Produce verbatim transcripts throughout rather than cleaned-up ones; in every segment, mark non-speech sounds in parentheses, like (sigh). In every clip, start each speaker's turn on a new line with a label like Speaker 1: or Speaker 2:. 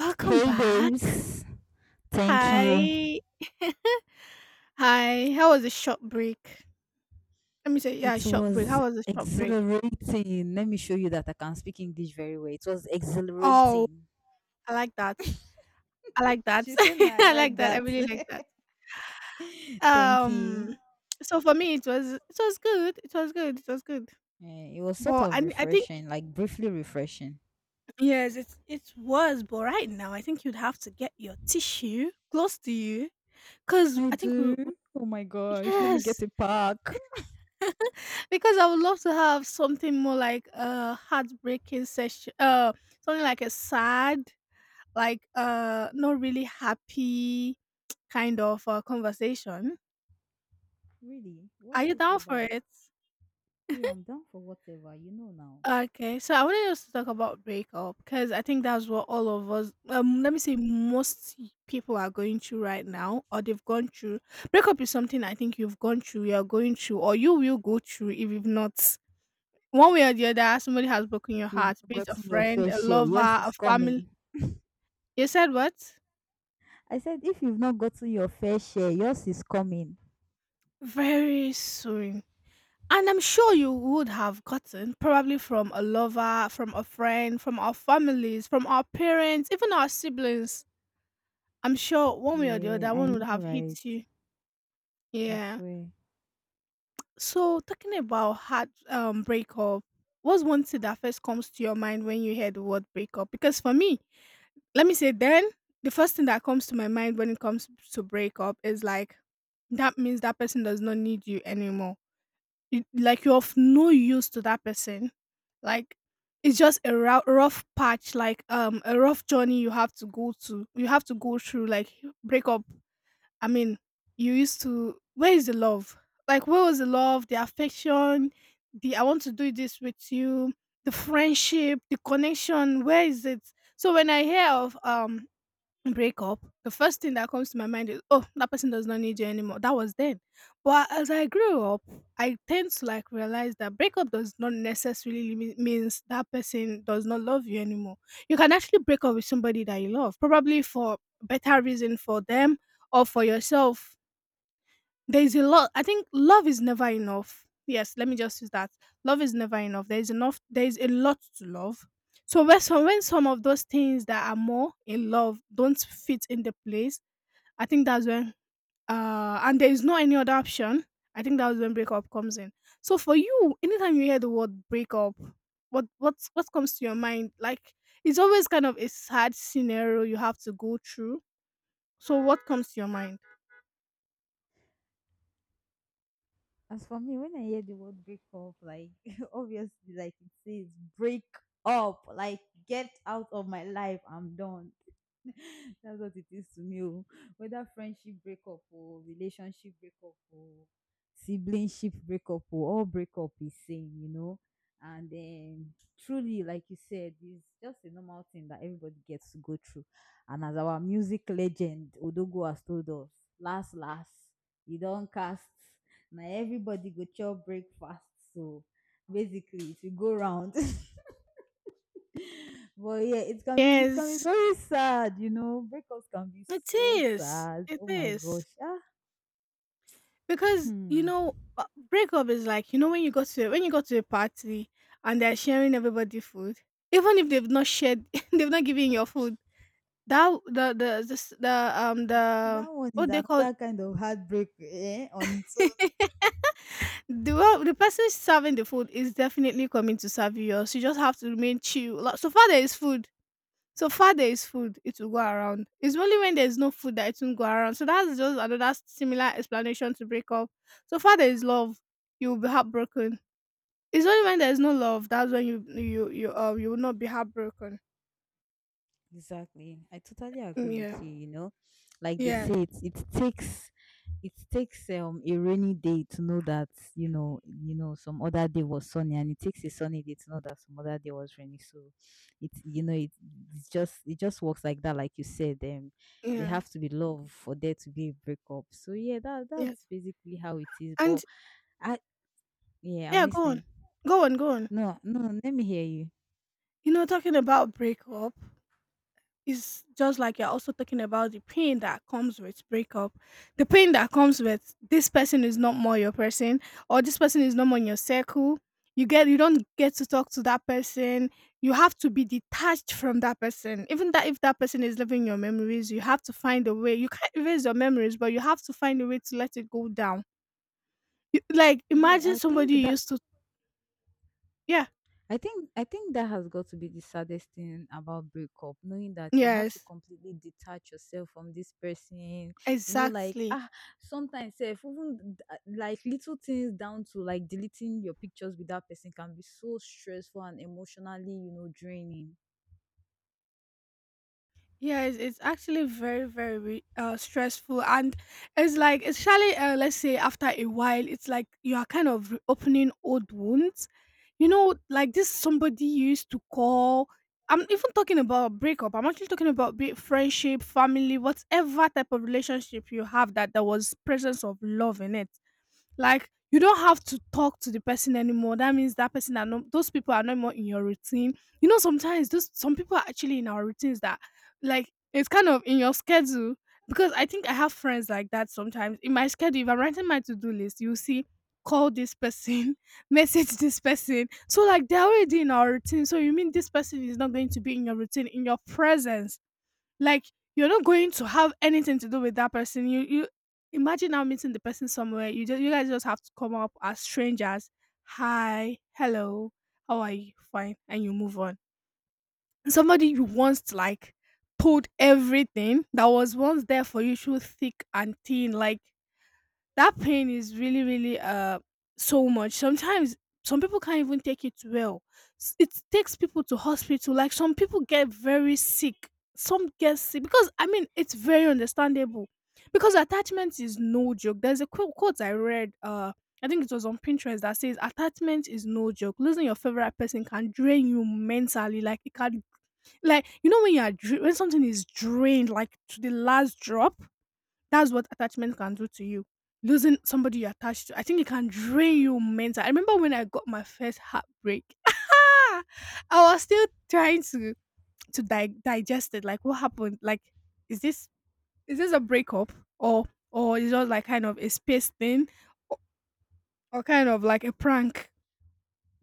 Speaker 1: Welcome
Speaker 2: Hey
Speaker 1: back.
Speaker 2: babes, thank you.
Speaker 1: Hi. (laughs) Hi. How was the short break? Let me say, yeah,
Speaker 2: It
Speaker 1: short break.
Speaker 2: was
Speaker 1: How was the short break?
Speaker 2: exhilarating. Let me show you that I can speak English very well. It was
Speaker 1: Oh,
Speaker 2: exhilarating.
Speaker 1: I like that. I like that.
Speaker 2: She said, "No,
Speaker 1: (laughs)
Speaker 2: I
Speaker 1: I
Speaker 2: like
Speaker 1: like that. I
Speaker 2: that."
Speaker 1: really like that.
Speaker 2: (laughs) thank you.
Speaker 1: Um, so for me, it was it was good. It was good. It was good.
Speaker 2: Eh, it was sort
Speaker 1: But
Speaker 2: of
Speaker 1: I I think
Speaker 2: refreshing, like briefly refreshing.
Speaker 1: yes, it it was. But right now, I think you'd have to get your tissue close to you, cause
Speaker 2: I
Speaker 1: I think we
Speaker 2: do.
Speaker 1: we-
Speaker 2: Oh my gosh, let me get
Speaker 1: yes.
Speaker 2: a pack.
Speaker 1: Because I would love to have something more like a heartbreaking session, uh, something like a sad, like uh, not really happy kind of uh, conversation.
Speaker 2: Really?
Speaker 1: Are
Speaker 2: What's
Speaker 1: you
Speaker 2: it
Speaker 1: down for
Speaker 2: about?
Speaker 1: it?
Speaker 2: Yeah, I'm down for whatever, you know now.
Speaker 1: Okay, so I wanted us to talk about breakup because I think that's what all of us, um, let me say, most people are going through right now, or they've gone through. Breakup is something I think you've gone through, you're going through, or you will go through if you've not. One way or the other, somebody has broken your
Speaker 2: If you've
Speaker 1: heart,
Speaker 2: not
Speaker 1: be it a
Speaker 2: gotten your
Speaker 1: friend,
Speaker 2: fair
Speaker 1: a
Speaker 2: share,
Speaker 1: lover,
Speaker 2: yours
Speaker 1: a
Speaker 2: is
Speaker 1: family.
Speaker 2: coming.
Speaker 1: You said what?
Speaker 2: I said, if you've not gotten your fair share, yours is coming.
Speaker 1: Very soon. And I'm sure you would have gotten, probably from a lover, from a friend, from our families, from our parents, even our siblings. I'm sure one way or the
Speaker 2: Yeah,
Speaker 1: other,
Speaker 2: I
Speaker 1: one would
Speaker 2: know,
Speaker 1: have hit
Speaker 2: right?
Speaker 1: you.
Speaker 2: I
Speaker 1: Yeah.
Speaker 2: swear.
Speaker 1: So, talking about heart um, breakup, what's one thing that first comes to your mind when you hear the word breakup? Because for me, let me say then the first thing that comes to my mind when it comes to breakup is like that means that person does not need you anymore, you, like you're of no use to that person, like it's just a rou- rough patch, like um a rough journey you have to go to, you have to go through, like breakup. I mean, you used to, where is the love? Like, where was the love, the affection, the I want to do this with you, the friendship, the connection? Where is it? So when I hear of um break up, the first thing that comes to my mind is, oh, that person does not need you anymore. That was then. But as I grew up, I tend to like realize that breakup does not necessarily me- means that person does not love you anymore. You can actually break up with somebody that you love, probably for better reason for them or for yourself. There's a lot. I think love is never enough. Yes, let me just use that. Love is never enough. There's enough, there's a lot to love. So when some, when some of those things that are more in love don't fit in the place, I think that's when, uh and there is no any other option, I think that's when breakup comes in. So for you, anytime you hear the word breakup, what what what comes to your mind? Like, it's always kind of a sad scenario you have to go through. So what comes to your mind?
Speaker 2: As for me, when I hear the word break up, like (laughs) obviously, like it says break up, like get out of my life, I'm done. (laughs) That's what it is to me. Oh. Whether friendship breakup or relationship breakup or siblingship breakup or all breakup is same, you know. And then truly, like you said, it's just a normal thing that everybody gets to go through. And as our music legend Odogo has told us, last last, you don't cast. Now everybody go chop breakfast. So basically it will go round. (laughs) But yeah, it's can be it can be
Speaker 1: Yes.
Speaker 2: very sad, you know. Breakups can be
Speaker 1: It
Speaker 2: so
Speaker 1: is,
Speaker 2: sad.
Speaker 1: it
Speaker 2: Oh my
Speaker 1: is.
Speaker 2: gosh. Ah,
Speaker 1: Because, you
Speaker 2: hmm.
Speaker 1: know, uh, breakup is like, you know, when you go to when you go to a party and they're sharing everybody food, even if they've not shared, (laughs) they've not given your food, that the the the, s- the um
Speaker 2: That
Speaker 1: the
Speaker 2: one is
Speaker 1: what they call
Speaker 2: another kind of heartbreak eh, on its own.
Speaker 1: (laughs) the one- the person serving the food is definitely coming to serve you. Yours. You just have to remain chill. Like, so far there is food. So far there is food, it will go around. It's only when there's no food that it won't go around. So that's just another similar explanation to break up. So far there is love, you will be heartbroken. It's only when there's no love that's when you you you um you will not be heartbroken.
Speaker 2: Exactly. I totally agree
Speaker 1: Mm, yeah,
Speaker 2: with you, you know. Like they
Speaker 1: yeah,
Speaker 2: say it it takes it takes um a rainy day to know that, you know, you know, some other day was sunny and it takes a sunny day to know that some other day was rainy. So it you know, it it's just it just works like that, like you said. Um they
Speaker 1: yeah,
Speaker 2: have to be love for there to be a breakup. So yeah, that that's
Speaker 1: yes.
Speaker 2: basically how it is. But
Speaker 1: And
Speaker 2: I yeah, I'm
Speaker 1: yeah, go on,
Speaker 2: listening.
Speaker 1: go on, go on.
Speaker 2: No, no, let me hear you.
Speaker 1: You know, talking about breakup, it's just like you're also talking about the pain that comes with breakup, the pain that comes with this person is not more your person, or this person is not more in your circle. You get, you don't get to talk to that person. You have to be detached from that person. Even that, if that person is living your memories, you have to find a way. You can't erase your memories, but you have to find a way to let it go down. You, like
Speaker 2: Yeah,
Speaker 1: imagine
Speaker 2: I think
Speaker 1: somebody you
Speaker 2: that
Speaker 1: used to. Yeah.
Speaker 2: I think I think that has got to be the saddest thing about breakup, knowing that you have to
Speaker 1: Yes.
Speaker 2: completely detach yourself from this person. You know, like
Speaker 1: Exactly.
Speaker 2: ah, sometimes self even th- ah, like little things down to like deleting your pictures with that person can be so stressful and emotionally, you know, draining.
Speaker 1: Yeah, it's, it's actually very, very re- uh, stressful. And it's like, especially, uh, let's say, after a while, it's like you are kind of opening old wounds. You know, like this somebody you used to call. I'm even talking about breakup. I'm actually talking about be it friendship, family, whatever type of relationship you have that there was presence of love in it, like you don't have to talk to the person anymore. That means that person are no, those people are no more in your routine. You know, sometimes those some people are actually in our routines that like it's kind of in your schedule. Because I think I have friends like that sometimes. In my schedule, if I'm writing my to-do list, you see call this person, (laughs) message this person. So like they're already in our routine. So you mean this person is not going to be in your routine, in your presence. Like, you're not going to have anything to do with that person. You you imagine now meeting the person somewhere. You just you guys just have to come up as strangers. Hi, hello, how are you? Fine, and you move on. Somebody you once like pulled everything that was once there for you through thick and thin. Like, that pain is really really uh so much sometimes, some people can't even take it well. S- it takes people to hospital, like some people get very sick, some get sick because I mean it's very understandable, because attachment is no joke. There's a quote, quote I read, uh I think it was on Pinterest, that says attachment is no joke. Losing your favorite person can drain you mentally, like it can, like you know when you're dra- when something is drained, like to the last drop, that's what attachment can do to you. Losing somebody you're attached to, I think it can drain you mentally. I remember when I got my first heartbreak. (laughs) I was still trying to to di- digest it. Like, what happened? Like, is this is this a breakup or or is it just like kind of a space thing or, or kind of like a prank?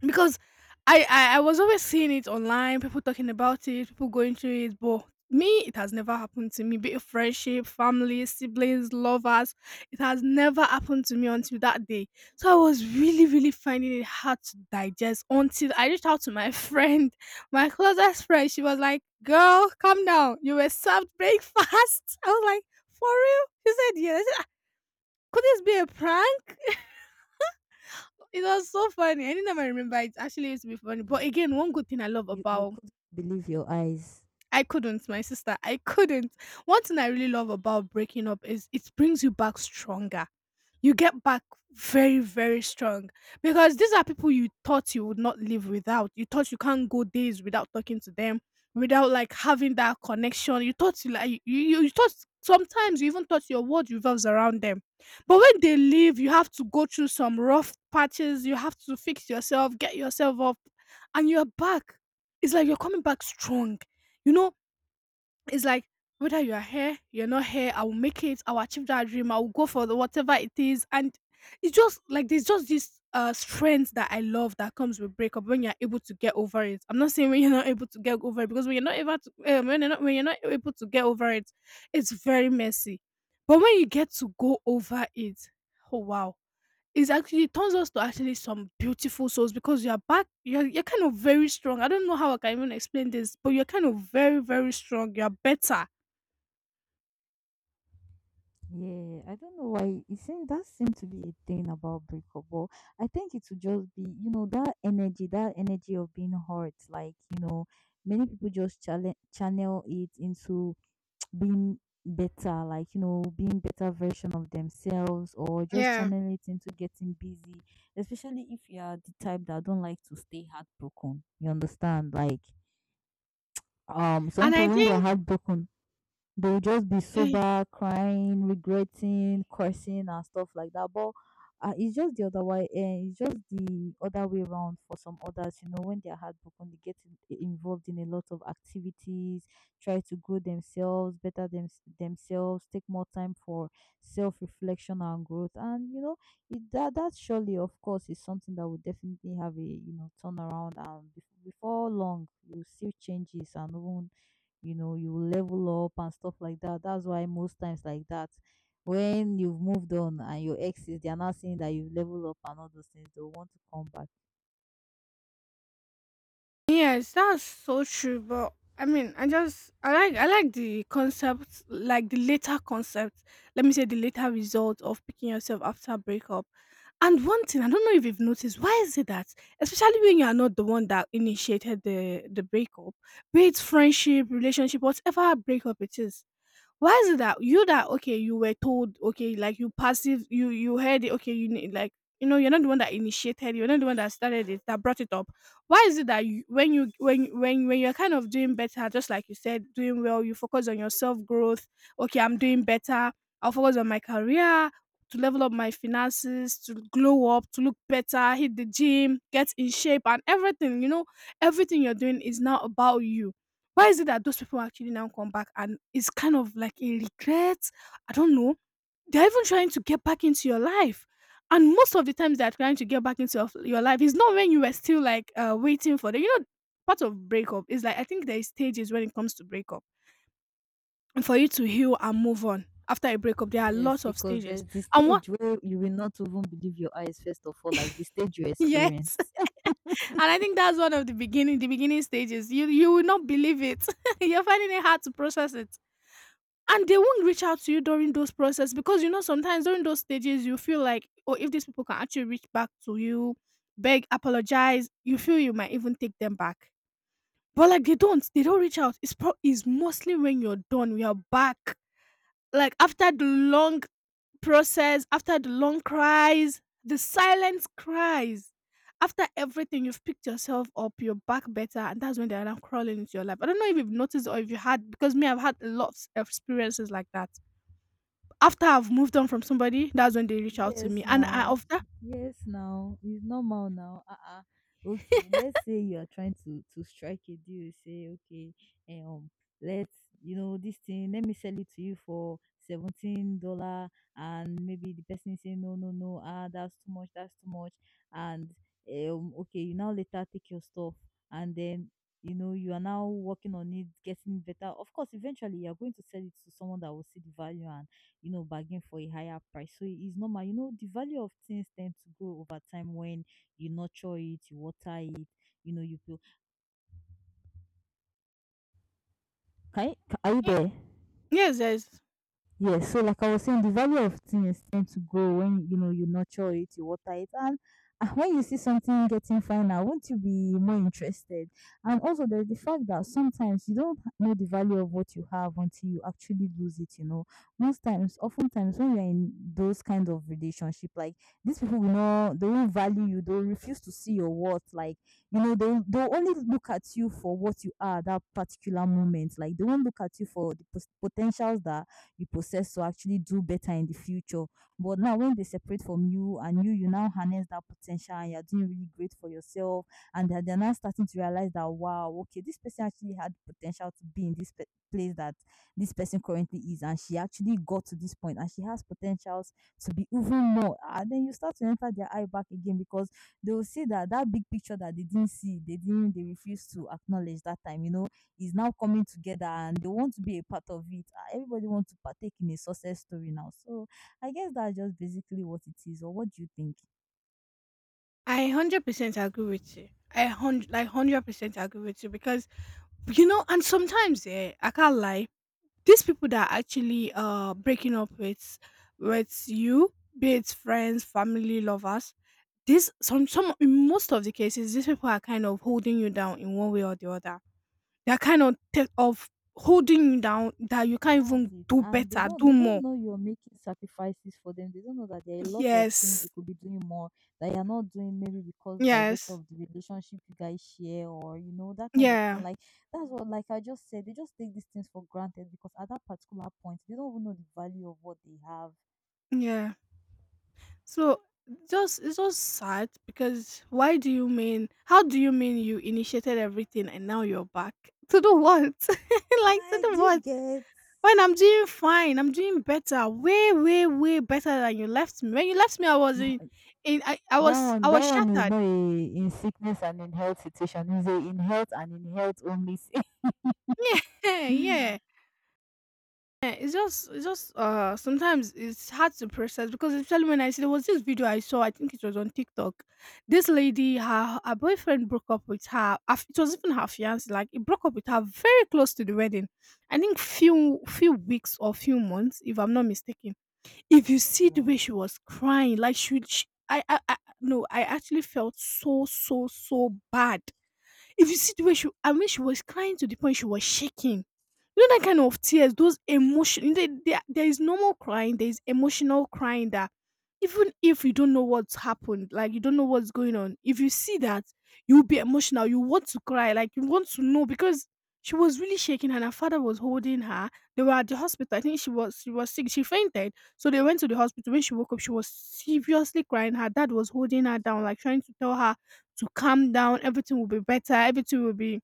Speaker 1: Because I, I I was always seeing it online, people talking about it, people going through it, but me, it has never happened to me. Be it friendship, family, siblings, lovers, it has never happened to me until that day. So I was really, really finding it hard to digest until I reached out to my (laughs) friend, my closest friend. She was like, "Girl, calm down. You were served breakfast." (laughs) I was like, "For real?" She said, "Yeah." I said, "Ah, could this be a prank?" It was so funny. I didn't even remember it. Actually, used to be funny.
Speaker 2: Hmm.
Speaker 1: But again, one good thing I love
Speaker 2: You you
Speaker 1: about,
Speaker 2: couldn't believe your eyes.
Speaker 1: I couldn't, my sister. I couldn't. One thing I really love about breaking up is it brings you back stronger. You get back very, very strong because these are people you thought you would not live without. You thought you can't go days without talking to them, without like having that connection. You thought you like you, you, you thought sometimes you even thought your world revolves around them. But when they leave, you have to go through some rough patches. You have to fix yourself, get yourself up, and you're back. It's like you're coming back strong, you know, it's like whether you are here, you're not here, I will make it, I will achieve that dream, I will go for the whatever it is. And it's just like there's just this uh strength that I love that comes with breakup when you're able to get over it. I'm not saying when you're not able to get over it because when you're not able to um, when you're not when you're not able to get over it, it's very messy. But when you get to go over it, oh wow, it's actually, it turns us to actually some beautiful souls because you are back, you're you're kind of very strong. I don't know how I can even explain this, but you're kind of very, very strong. You're better.
Speaker 2: Yeah, I don't know why it seems that seems to be a thing about breakup, but I think it would just be, you know, that energy, that energy of being hurt. Like, you know, many people just channel channel it into (tsk) being better, like, you know, being better version of themselves or just
Speaker 1: Yeah.
Speaker 2: channel it into getting busy, especially if you are the type that don't like to stay heartbroken. You understand? Like, um, some
Speaker 1: And
Speaker 2: people
Speaker 1: I
Speaker 2: when they're
Speaker 1: think
Speaker 2: heartbroken, they will just be
Speaker 1: eh,
Speaker 2: sober, crying, regretting, cursing, and stuff like that. But uh, it's just the other way. Uh, it's just the other way around for some others. You know, when they are heartbroken, they get in- eh, involved in a lot of activities, try to grow themselves, better them, themselves, take more time for self-reflection and growth. And you know, it, that that surely, of course, is something that will definitely have a you know turnaround. And bef- before long, you'll see changes and even you know you will level up and stuff like that. That's why most times like that when you've moved on and your exes they are not seeing that you've leveled up and all those things they'll want to come back.
Speaker 1: yes, that's so true. But I mean, I just I like I like the concept, like the later concept. Let me say the later result of picking yourself after a breakup. And one thing, I don't know if you've noticed, why is it that, especially when you are not the one that initiated the the breakup, be it friendship, relationship, whatever breakup it is, why is it that you that, okay, you were told, okay, like you passive you you heard it, okay, you need like, you know, you're not the one that initiated, you're not the one that started it, that brought it up. Why is it that you, when you when when when you're kind of doing better, just like you said, doing well, you focus on your self growth. Okay, I'm doing better. I'll focus on my career, to level up my finances, to glow up, to look better, hit the gym, get in shape, and everything. You know, everything you're doing is now about you, why is it that those people actually now come back and it's kind of like a regret? I don't know. They're even trying to get back into your life. And most of the times they're trying to get back into your, your life is not when you were still like, uh, waiting for the, you know, part of breakup is like, I think there is stages when it comes to breakup. And for you to heal and move on after a breakup, there are
Speaker 2: Yes,
Speaker 1: lots of
Speaker 2: because
Speaker 1: stages.
Speaker 2: there's the
Speaker 1: And what,
Speaker 2: stage where you will not even believe your eyes first of all, like the stage you
Speaker 1: (laughs) yes.
Speaker 2: experienced.
Speaker 1: (laughs) And I think that's one of the beginning, the beginning stages. You, you will not believe it. (laughs) You're finding it hard to process it. And they won't reach out to you during those process, because you know sometimes during those stages you feel like, oh, if these people can actually reach back to you, beg, apologize, you feel you might even take them back. But like they don't they don't reach out. It's pro- it's mostly when you're done, we are back. Like after the long process, after the long cries, the silence cries, after everything, you've picked yourself up, you're back better, and that's when they're now crawling into your life. I don't know if you've noticed, or if you had, because me, I've had a lot of experiences like that. After I've moved on from somebody, that's when they reach out to
Speaker 2: Yes,
Speaker 1: me, and I
Speaker 2: now.
Speaker 1: of that.
Speaker 2: Yes, now. It's normal now. Uh-uh. Okay, let's
Speaker 1: (laughs)
Speaker 2: say you are trying to to strike a deal. Say, okay, eh, um, let's you know this thing. Let me sell it to you for seventeen dollar, and maybe the person is saying no, no, no. Ah, that's too much. That's too much. And eh, um, okay, you now later take your stuff, and then you know you are now working on it, getting better. Of course, eventually you are going to sell it to someone that will see the value, you know, bargain for a higher price. So it's normal. You know, the value of things tend to grow over time when you nurture it, you water it, you know, you feel. Can you, ca- are you
Speaker 1: Ye
Speaker 2: there?
Speaker 1: Yes, yes.
Speaker 2: Yes, so like I was saying, the value of things tend to grow when you know you nurture it, you water it, and ah, when you see something getting finer, won't you be more interested? And also, there's the fact that sometimes you don't know the value of what you have until you actually lose it. You know, most times, oftentimes, when you're in those kind of relationship, like these people will not, they won't value you, they'll refuse to see your worth. Like you know, they they'll only look at you for what you are at that particular moment. Like they won't look at you for the pos- potentials that you possess to actually do better in the future. But now, when they separate from you and you, you now harness that potential and you're doing really great for yourself, and they're, they're now starting to realize that, wow, okay, this person actually had potential to be in this pe- place that this person currently is, and she actually got to this point and she has potentials to be even more. And then you start to enter their eye back again because they will see that that big picture that they didn't see, they didn't, they refused to acknowledge that time, you know is now coming together and they want to be a part of it. Ah, everybody wants to partake in a success story now. So I guess that's just basically what it is. Or what do you think?
Speaker 1: I one hundred percent agree with you. I hundred, like one hundred percent agree with you, because you know, and sometimes, eh, I can't lie, these people that are actually uh breaking up with with you, be it friends, family, lovers, this some some in most of the cases, these people are kind of holding you down in one way or the other. They're kind of t- of holding you down, that you can't
Speaker 2: That's
Speaker 1: even
Speaker 2: it.
Speaker 1: do
Speaker 2: And they
Speaker 1: better,
Speaker 2: don't
Speaker 1: do
Speaker 2: they don't
Speaker 1: more.
Speaker 2: know you're making sacrifices for them. They don't know that there are a lot of things
Speaker 1: Yes.
Speaker 2: you could be doing more that you're not doing maybe because by virtue
Speaker 1: Yes.
Speaker 2: of the relationship you guys share or you know that kind of thing.
Speaker 1: Yeah.
Speaker 2: Like that's what like I just said, they just take these things for granted because at that particular point they don't even know the value of what they have.
Speaker 1: Yeah. So, just, it's just sad, because why do you mean, how do you mean, you initiated everything and now you're back to do what? (laughs) Like, to
Speaker 2: Like,
Speaker 1: do
Speaker 2: do you
Speaker 1: what?
Speaker 2: get?
Speaker 1: When I'm doing fine, I'm doing better, way, way, way better than you left me. When you left me, I was in,
Speaker 2: Tha-
Speaker 1: in I, I
Speaker 2: That
Speaker 1: was, I
Speaker 2: one,
Speaker 1: was
Speaker 2: that one is
Speaker 1: shattered.
Speaker 2: not a in sickness and in health situation. It's a in health and in health only. si-
Speaker 1: (laughs) Yeah,
Speaker 2: (laughs)
Speaker 1: yeah. Yeah, it's just, it's just. Uh, sometimes it's hard to process, because especially when I see, there was this video I saw. I think it was on TikTok. This lady, her her boyfriend broke up with her. af- It was even her fiance. Like he broke up with her very close to the wedding. I think few few weeks or few months, if I'm not mistaken. If you see the
Speaker 2: Wow.
Speaker 1: way she was crying, like she she I I I no, I actually felt so, so, so bad. If you see the way she, I mean, she was crying to the point she was shaking. You know that kind of tears, those emotion. There, there there is normal crying. There is emotional crying that, even if you don't know what's happened, like you don't know what's going on, if you see that, you'll be emotional. You want to cry, like you want to know, because she was really shaking and her father was holding her. They were at the hospital. I think she was she was sick. She fainted. So they went to the hospital. When she woke up, she was seriously crying. Her dad was holding her down, like trying to tell her to calm down, everything will be better, everything will be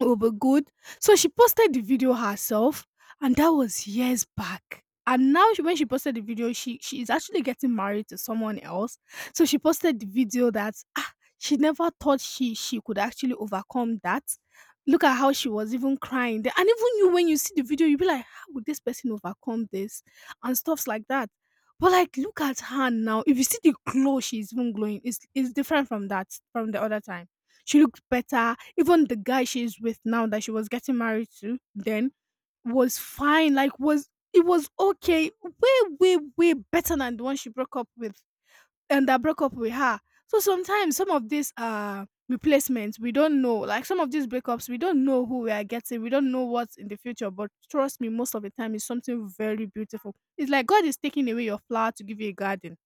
Speaker 1: over good. So she posted the video herself, and that was years back. And now she, when she posted the video, she she is actually getting married to someone else. So she posted the video that, ah, she never thought she she could actually overcome that. Look at how she was even crying there. And even you, when you see the video, you be like, how would this person overcome this? And stuffs like that. But like, look at her now. If you see the glow, she's even glowing, it's, it's different from that, from the other time. She looked better. Even the guy she's with now that she was getting married to then was fine. Like, was, it was okay. Way, way, way better than the one she broke up with and that broke up with her. So sometimes some of these uh replacements we don't know. Like some of these breakups, we don't know who we are getting. We don't know what's in the future. But trust me, most of the time it's something very beautiful. It's like God is taking away your flower to give you a garden,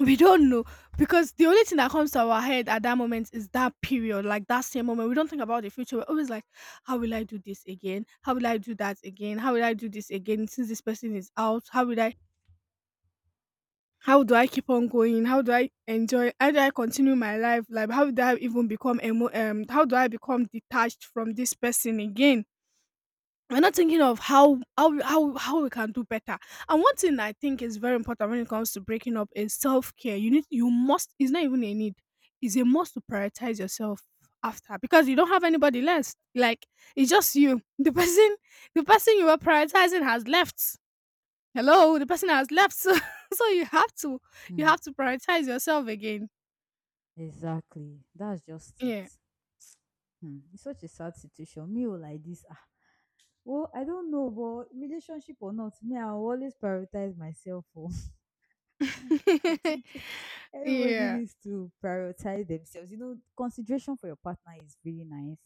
Speaker 1: we don't know, because the only thing that comes to our head at that moment is that period, like that same moment. We don't think about the future. We're always like, how will I do this again? How will I do that again? How will I do this again? Since this person is out, how will I? How do I keep on going? How do I enjoy? How do I continue my life? Like, how do I even become emo? Um, how do I become detached from this person again? We're not thinking of how how how how we can do better. And one thing I think is very important when it comes to breaking up is self care. You need, you must. It's not even a need. It's a must to prioritize yourself after, because you don't have anybody left. Like, it's just you. (laughs) The person the person you were prioritizing has left. Hello, the person has left. (laughs) So, so you have to, you
Speaker 2: Hmm.
Speaker 1: have to prioritize yourself again.
Speaker 2: Exactly. That's just
Speaker 1: Yeah.
Speaker 2: it. Hmm. It's such a sad situation. Me, oh, like this. Ah. Well, I don't know, but relationship or not, me, I will always prioritize myself. Oh. (laughs) I
Speaker 1: (laughs)
Speaker 2: think everybody
Speaker 1: Yeah.
Speaker 2: needs to prioritize themselves. You know, consideration for your partner is really nice.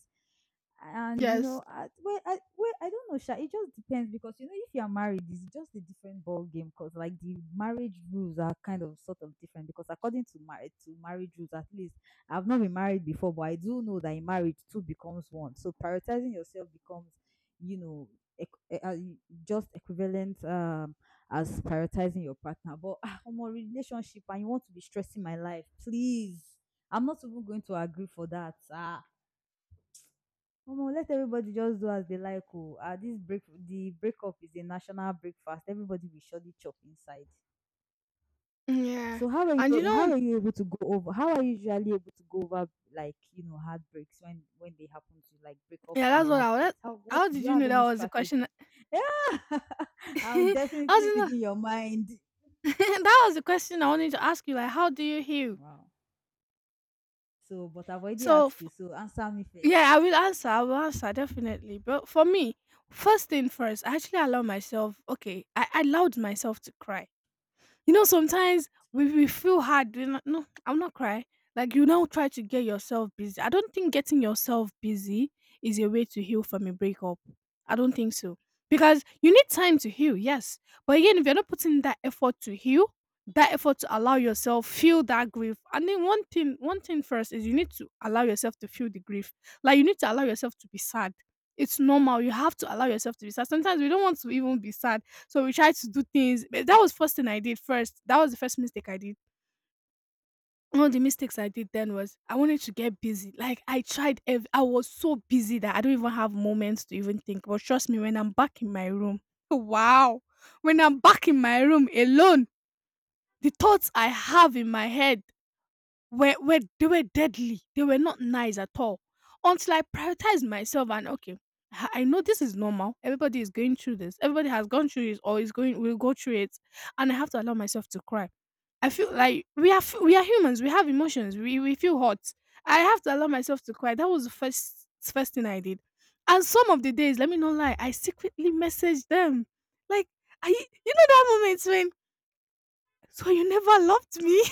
Speaker 2: And you know,
Speaker 1: Yes.
Speaker 2: I, well, I, well, I don't know, Sha. It just depends because you know, if you are married, it's just a different ball game. Because like the marriage rules are kind of sort of different. Because according to marriage to marriage rules, at least I've not been married before, but I do know that in marriage two becomes one. So prioritizing yourself becomes, you know, equ- eh, uh, just equivalent um as prioritizing your partner. But I'm a relationship and you want to be stressing my life. Please. I'm not even going to agree for that. Ah. Omo, let everybody just do as they like. Oh. Ah, this break the breakup is a national breakfast. Everybody will surely chop inside.
Speaker 1: Yeah.
Speaker 2: So how are
Speaker 1: And you
Speaker 2: you how
Speaker 1: know,
Speaker 2: are you able to go over how are you usually able to go over like you know heartbreaks when when they happen to you, like breakups
Speaker 1: yeah,
Speaker 2: and
Speaker 1: that's what I was.
Speaker 2: heartbreaks? How What
Speaker 1: How
Speaker 2: do
Speaker 1: did
Speaker 2: you
Speaker 1: you
Speaker 2: have
Speaker 1: know that
Speaker 2: any
Speaker 1: was the question?
Speaker 2: strategy?
Speaker 1: (laughs)
Speaker 2: (laughs) Yeah. (laughs) I'm
Speaker 1: How did
Speaker 2: definitely
Speaker 1: you know?
Speaker 2: reading your mind.
Speaker 1: (laughs) That was the question I wanted to ask you, like, how do you heal?
Speaker 2: Wow. So but I've already
Speaker 1: So,
Speaker 2: asked
Speaker 1: f
Speaker 2: you, so answer me
Speaker 1: Yeah, I
Speaker 2: first.
Speaker 1: will answer. I will answer definitely. But for me, first thing first, I actually allow myself, okay, I I allowed myself to cry. You know, sometimes we, we feel hard. We're not, no, I'll not cry. Like you now try to get yourself busy. I don't think getting yourself busy is a way to heal from a breakup. I don't think so. Because you need time to heal, yes. But again, if you're not putting that effort to heal, that effort to allow yourself feel that grief. And then one thing, one thing first is, you need to allow yourself to feel the grief. Like you need to allow yourself to be sad. It's normal. You have to allow yourself to be sad. Sometimes we don't want to even be sad, so we tried to do things. But that was first thing I did first. That was the first mistake I did. One of the mistakes I did then was I wanted to get busy. Like I tried, ev- I was so busy that I don't even have moments to even think. But trust me, when I'm back in my room, (laughs) wow, when I'm back in my room alone, the thoughts I have in my head were, were they were deadly. They were not nice at all. Until I prioritized myself, and okay, I I know this is normal. Everybody is going through this. Everybody has gone through it, or is going, will go through it, and I have to allow myself to cry. I feel like we are, f- we are humans. We have emotions. We we feel hot. I have to allow myself to cry. That was the first first thing I did. And some of the days, let me not lie, I secretly messaged them. Like, I, you know that moment when, so you never loved me?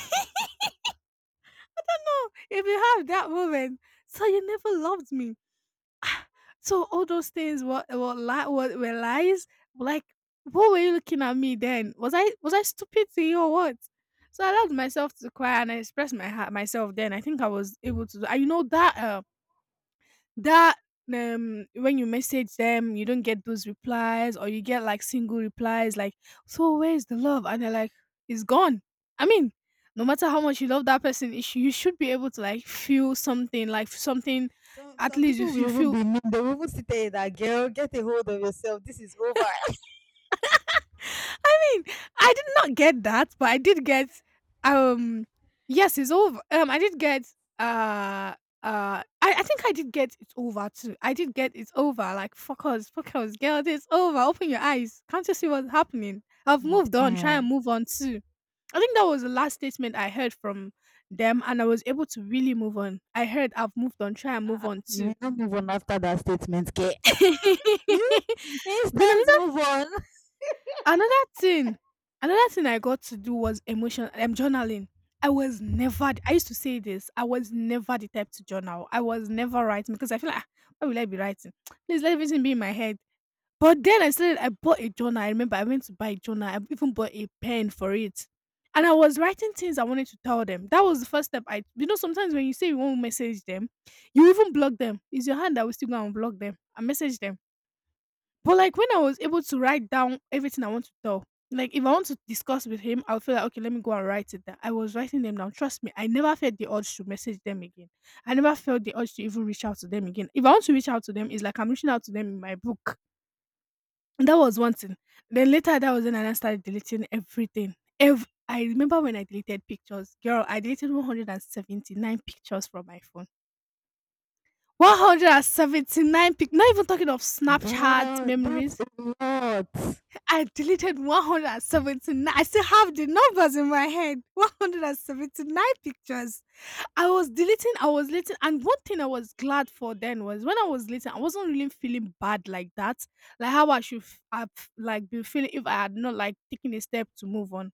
Speaker 1: (laughs) Know, if you have that moment, so you never loved me. (sighs) Ah, so all those things were, were, li- were, were lies. Like, what were you looking at me then? Was I, was I stupid to you or what? So I allowed myself to cry and I expressed my heart myself. Then I think I was able to. Do- I you know that that um when you message them you don't get those replies or you get like single replies like so where's the love and they're like it's gone. I mean no matter how much you love that person it sh- you should be able to like feel something like something,
Speaker 2: Some
Speaker 1: at
Speaker 2: some
Speaker 1: least you
Speaker 2: people will
Speaker 1: should
Speaker 2: even
Speaker 1: feel
Speaker 2: be mean. They will even sit there that girl, get a hold of yourself. This is over.
Speaker 1: mean? I did not get that, but I did get um yes, it's over. Um I did get uh uh I, I think I did get it's over too. I did get it's over. Like fuck us, fuck us, girl, it's over. Open your eyes. Can't you see what's happening? I've moved on, try
Speaker 2: Damn.
Speaker 1: and move on too. I think that was the last statement I heard from them, and I was able to really move on. I heard I've moved on, try and move
Speaker 2: Uh-uh.
Speaker 1: on
Speaker 2: You will
Speaker 1: too.
Speaker 2: not move on after that statement, girl.
Speaker 1: (laughs)
Speaker 2: (laughs)
Speaker 1: Then I
Speaker 2: Instant move on.
Speaker 1: Another thing another thing I got to do was emotion um, journaling. I was never I used to say this, I was never the type to journal. I was never writing because I feel like, "Ah, why will I be writing? (tsk) Please let everything be in my head." But then I said I bought a journal. I remember I went to buy a journal. I even bought a pen for it. And I was writing things I wanted to tell them. That was the first step. I you know sometimes when you say you want to message them, you even block them. It's your hand that will still go and block them and message them. But, like, when I was able to write down everything I want to tell, like, if I want to discuss with him, I'll feel like, okay, let me go and write it down. I was writing them down. Trust me, I never felt the urge to message them again. I never felt the urge to even reach out to them again. If I want to reach out to them, it's like I'm reaching out to them in my book. That was one thing. Then later, that was when I started deleting everything. Ev- I remember when I deleted pictures. Girl, I deleted one hundred seventy-nine pictures from my phone. one hundred seventy-nine pic. Not even talking of Snapchat
Speaker 2: Girl, that's
Speaker 1: memories.
Speaker 2: a lot.
Speaker 1: I deleted one hundred seventy-nine, I still have the numbers in my head. one hundred seventy-nine pictures. I was deleting, I was deleting, and one thing I was glad for then was when I was deleting, I wasn't really feeling bad like that. Like how I should f- have like been feeling if I had not like taken a step to move on.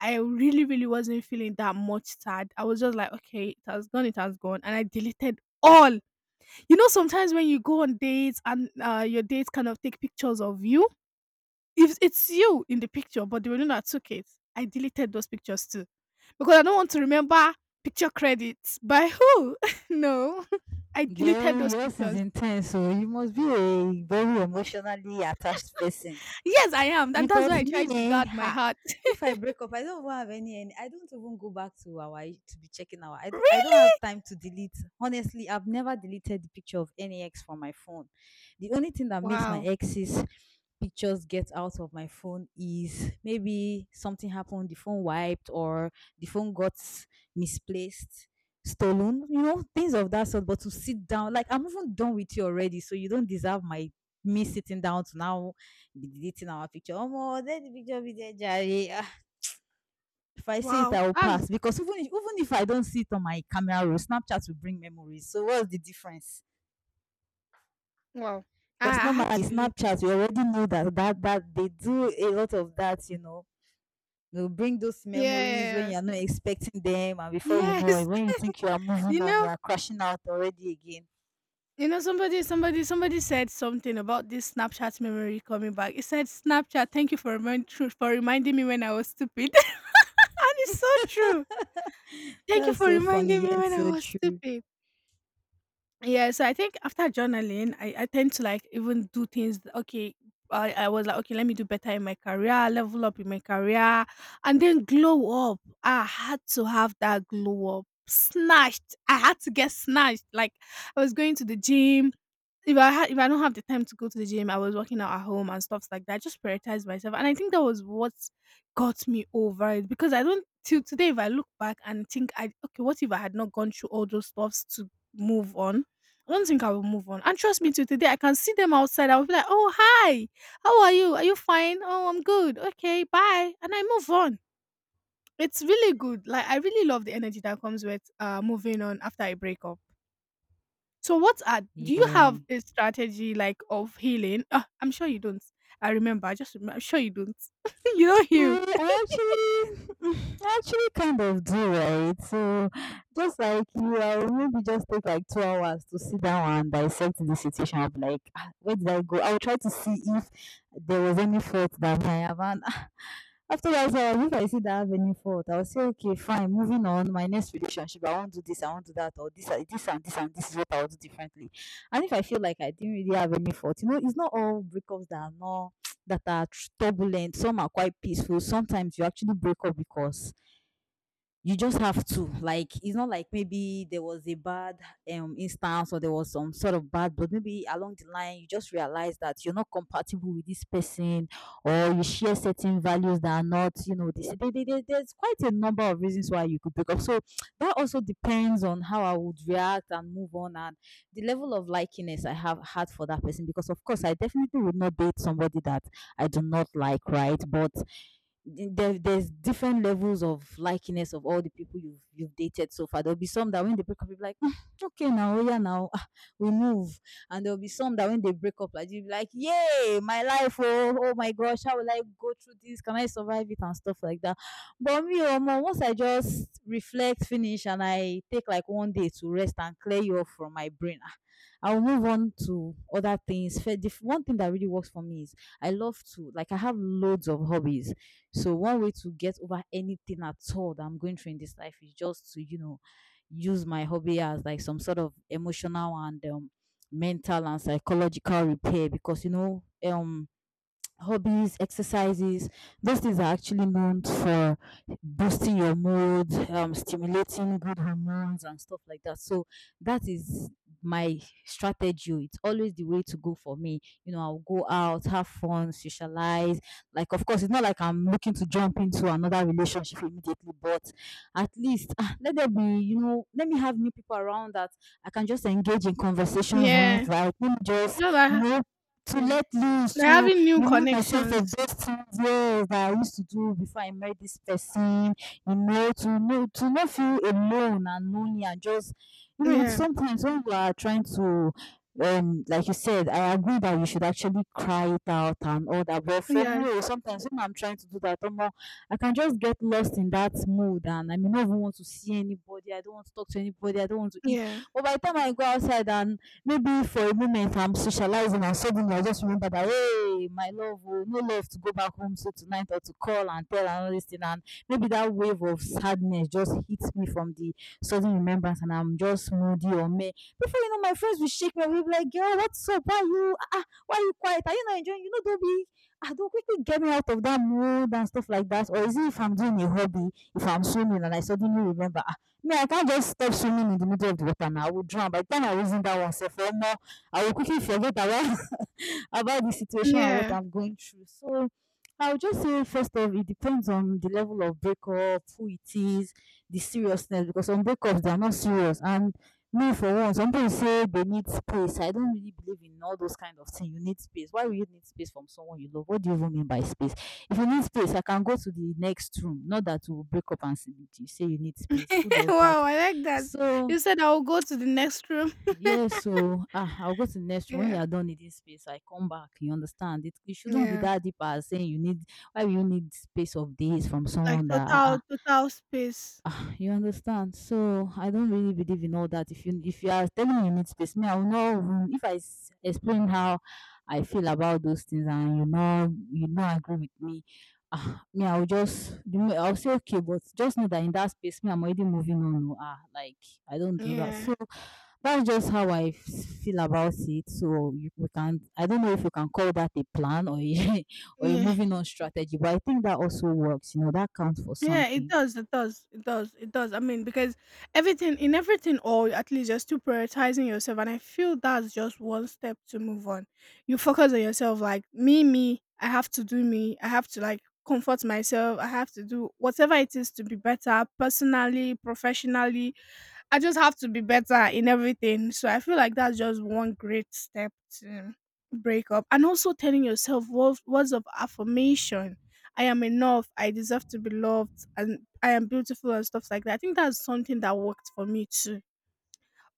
Speaker 1: I really, really wasn't feeling that much sad. I was just like, okay, it has gone, it has gone. And I deleted all. You know, sometimes when you go on dates and uh, your dates kind of take pictures of you, if it's you in the picture, but they were the one that took it, I deleted those pictures too, because I don't want to remember picture credits by who. (laughs) No, (laughs) I deleted
Speaker 2: Girl,
Speaker 1: those
Speaker 2: yours is
Speaker 1: pictures.
Speaker 2: intense, so you must be a very emotionally attached person.
Speaker 1: Yes, I am, and that's why
Speaker 2: Because
Speaker 1: I
Speaker 2: me,
Speaker 1: try to
Speaker 2: eh,
Speaker 1: guard my
Speaker 2: ha,
Speaker 1: heart. (laughs)
Speaker 2: if I break up, I don't even have any, any I don't even go back to our to be checking our. I do I don't
Speaker 1: Really?
Speaker 2: have time to delete. Honestly, I've never deleted the picture of any ex from my phone. The only thing that makes my
Speaker 1: Wow,
Speaker 2: exes pictures get out of my phone is maybe something happened, the phone wiped, or the phone got misplaced, stolen, you know, things of that sort. But to sit down, like I'm even done with you already, so you don't deserve my me sitting down to now be deleting our picture. Oh, let the picture be there, Jerry. Ah, if I see it,
Speaker 1: wow,
Speaker 2: I will
Speaker 1: that's
Speaker 2: pass because even if, even if I don't see it on my camera roll, Snapchat will bring memories. So what's the difference?
Speaker 1: wow.
Speaker 2: Because
Speaker 1: I, I had
Speaker 2: normally
Speaker 1: to delete.
Speaker 2: Snapchat, we already know that that that they do a lot of that, you know You bring those
Speaker 1: Yeah,
Speaker 2: memories when
Speaker 1: yeah,
Speaker 2: you're not expecting them, and before you
Speaker 1: yeah.
Speaker 2: know it,
Speaker 1: yes.
Speaker 2: when you
Speaker 1: (laughs)
Speaker 2: think you are moving
Speaker 1: you
Speaker 2: on, you
Speaker 1: know,
Speaker 2: are crashing out already again.
Speaker 1: you know, somebody, somebody, somebody said something about this Snapchat memory coming back. It said, "Snapchat, thank you for remind- for reminding me when I was stupid," (laughs) and it's so true. Thank you
Speaker 2: That's
Speaker 1: for
Speaker 2: so funny,
Speaker 1: reminding me
Speaker 2: yet
Speaker 1: when I
Speaker 2: so
Speaker 1: was
Speaker 2: true.
Speaker 1: stupid. Yeah, so I think after journaling, I, I tend to like even do things. th- Okay, I, I was like, okay, let me do better in my career, level up in my career, and then glow up. I had to have that glow up. Snatched. I had to get snatched. Like I was going to the gym, if I had if I don't have the time to go to the gym, I was working out at home and stuffs like that. I just prioritized myself. And I think that was what got me over it. Because I don't till today if I look back and think I okay, what if I had not gone through all those stuffs to move on? I don't think I will move on. And trust me, till today, I can see them outside. I will be like, "Oh, hi, how are you? Are you fine? Oh, I'm good. Okay, bye." And I move on. It's really good. Like I really love the energy that comes with uh moving on after a breakup. So what are do you
Speaker 2: Yeah.
Speaker 1: have a strategy like of healing? Ah, I'm sure you don't. I remember. I just remember. I'm sure you don't. (laughs) You don't heal.
Speaker 2: Well, I actually, I actually kind of do, right? So, just like you, I will maybe just take like two hours to sit down and dissect the situation. I'll be like, "Ah, where did I go? I'll try to see if there was any fault that I haven't." (laughs) After that one, if I see that avenue fault, I will say, okay, fine, moving on. My next relationship, I won't do this, I won't do that, or this, uh, this and this and this is what I will do differently. And if I feel like I didn't really have any fault, you know, it's not all breakups that are not that are turbulent. Some are quite peaceful. Sometimes you actually break up because you just have to, like, it's not like maybe there was a bad um instance or there was some sort of bad, but maybe along the line you just realize that you're not compatible with this person or you share certain values that are not, you know, this there, there- there- there's quite a number of reasons why you could break up. So that also depends on how I would react and move on, and the level of likiness I have had for that person, because of course I definitely would not date somebody that I do not like, right? But the- there, there's different levels of likiness of all the people you've you've dated so far. There'll be some that when they break up, you'll be like, "Mm, okay, now oh yeah, now ah, we move." And there'll be some that when they break up, like, you'll be like, yay, my life, oh, oh my gosh, how will I go through this? Can I survive it and stuff like that? But me, oh, Omo, once I just reflect, finish, and I take like one day to rest and clear you off from my brain, ah, I'll move on to other things. Fe- the f- One thing that really works for me is I love to, like, I have loads of hobbies. So one way to get over anything at all that I'm going through in this life is just to, you know, use my hobby as like some sort of emotional and um, mental and psychological repair, because you know um hobbies, exercises, those things are actually meant for boosting your mood, um, stimulating good hormones and stuff like that. So that is my strategy. It's always the way to go for me. You know, I'll go out, have fun, socialize. Like, of course, it's not like I'm looking to jump into another relationship immediately, but at least, ah, let there be, you know, let me have new people around that I can just engage in conversations
Speaker 1: Yeah.
Speaker 2: with. Like, let me just,
Speaker 1: Just
Speaker 2: you
Speaker 1: like
Speaker 2: know, to
Speaker 1: yeah.
Speaker 2: let loose,
Speaker 1: Like
Speaker 2: to
Speaker 1: having new
Speaker 2: remind myself of
Speaker 1: connections.
Speaker 2: those things, yes, that I used to do before I met this person, you know, to know, to not feel alone and lonely and just, you know, it's
Speaker 1: Yeah.
Speaker 2: sometimes when you are trying to um like you said, I agree that you should actually cry it out and all that. But for me, oh,
Speaker 1: Yes.
Speaker 2: sometimes when I'm trying to do that, omo, I can just get lost in that mood and I may not even want to see anybody. I don't want to talk to anybody. I don't want to eat.
Speaker 1: Yeah.
Speaker 2: But by the time I go outside and maybe for a moment I'm socializing and suddenly I just remember that hey, my love, oh, no love to go back home so tonight or to call and tell and all this thing. And maybe that wave of sadness just hits me from the sudden remembrance and I'm just moody or me. Before you know, my friends will shake me, we'll be like, girl, what's up? Why you ah, ah, why you quiet? Are you not enjoying? You know, don't be I don't quickly get me out of that mood and stuff like that. Or is it if I'm doing a hobby, if I'm swimming and I suddenly remember, me, I can't just stop swimming in the middle of the water now. I will drown. By the time I reason that one, sef, omo, I will quickly forget about (laughs) about the situation and what
Speaker 1: Yeah.
Speaker 2: I'm going through. So I'll just say first off, it depends on the level of breakup, who it is, the seriousness, because some breakups they are not serious. And me, for one, some people say they need space. I don't really believe in all those kind of things. You need space. Why will you need space from someone you love? What do you even mean by space? If you need space, I can go to the next room. Not that you will break up and say you say you need
Speaker 1: (laughs)
Speaker 2: space. Who does that?
Speaker 1: Wow, I like that.
Speaker 2: So
Speaker 1: You said, "I'll go to the next room."
Speaker 2: yes, so ah, I'll go to the next one. When you
Speaker 1: Yeah.
Speaker 2: are done needing space, I come back. You understand? It, it shouldn't be
Speaker 1: Yeah.
Speaker 2: that deep as saying you need. Why you need space of days from
Speaker 1: Like
Speaker 2: someone that ah,
Speaker 1: total
Speaker 2: ah,
Speaker 1: total space.
Speaker 2: ah, you understand? So I don't really believe in all that. If you if you are telling me you need space, me I will know even if I s- explain how I feel about those things and you know you know agree with me. Ah, me I'll just the mo- I'll say okay, but just know that in that space, me I'm already moving on. Oh, ah, like, I don't do that. So.
Speaker 1: Yeah.
Speaker 2: That's just how I f- feel about it. So you, we can I don't know if you can call that a plan or a (laughs) or a
Speaker 1: Yeah.
Speaker 2: moving on strategy, but I think that also works. You know, that counts for
Speaker 1: Yeah, it
Speaker 2: something.
Speaker 1: does. It does. It does. It does. I mean, because everything in everything, or at least just to prioritizing yourself, and I feel that's just one step to move on. You focus on yourself, like me, me. I have to do me. I have to like comfort myself. I have to do whatever it is to be better, personally, professionally, I just have to be better in everything. So I feel like that's just one great step to break up. And also telling yourself wo- words of affirmation. I am enough. I deserve to be loved. And I am beautiful and stuff like that. I think that's something that worked for me too.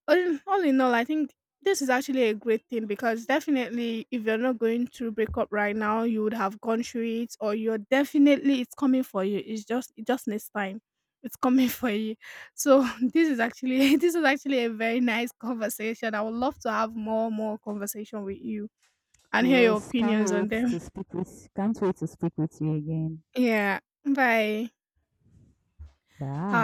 Speaker 1: All in, all in all, I think this is actually a great thing because definitely, if you're not going through breakup right now, you would have gone through it, or you're definitely it's coming for you. It's just it just needs time. It's coming (laughs) for you. So (laughs) this is actually (laughs) this is actually a very nice (laughs) conversation. I would love to have more more conversation with you and hear your
Speaker 2: Yes, can't
Speaker 1: opinions on
Speaker 2: wait
Speaker 1: them.
Speaker 2: to
Speaker 1: (laughs)
Speaker 2: speak with can't wait to speak with you again.
Speaker 1: Yeah. Bye.
Speaker 2: Bye.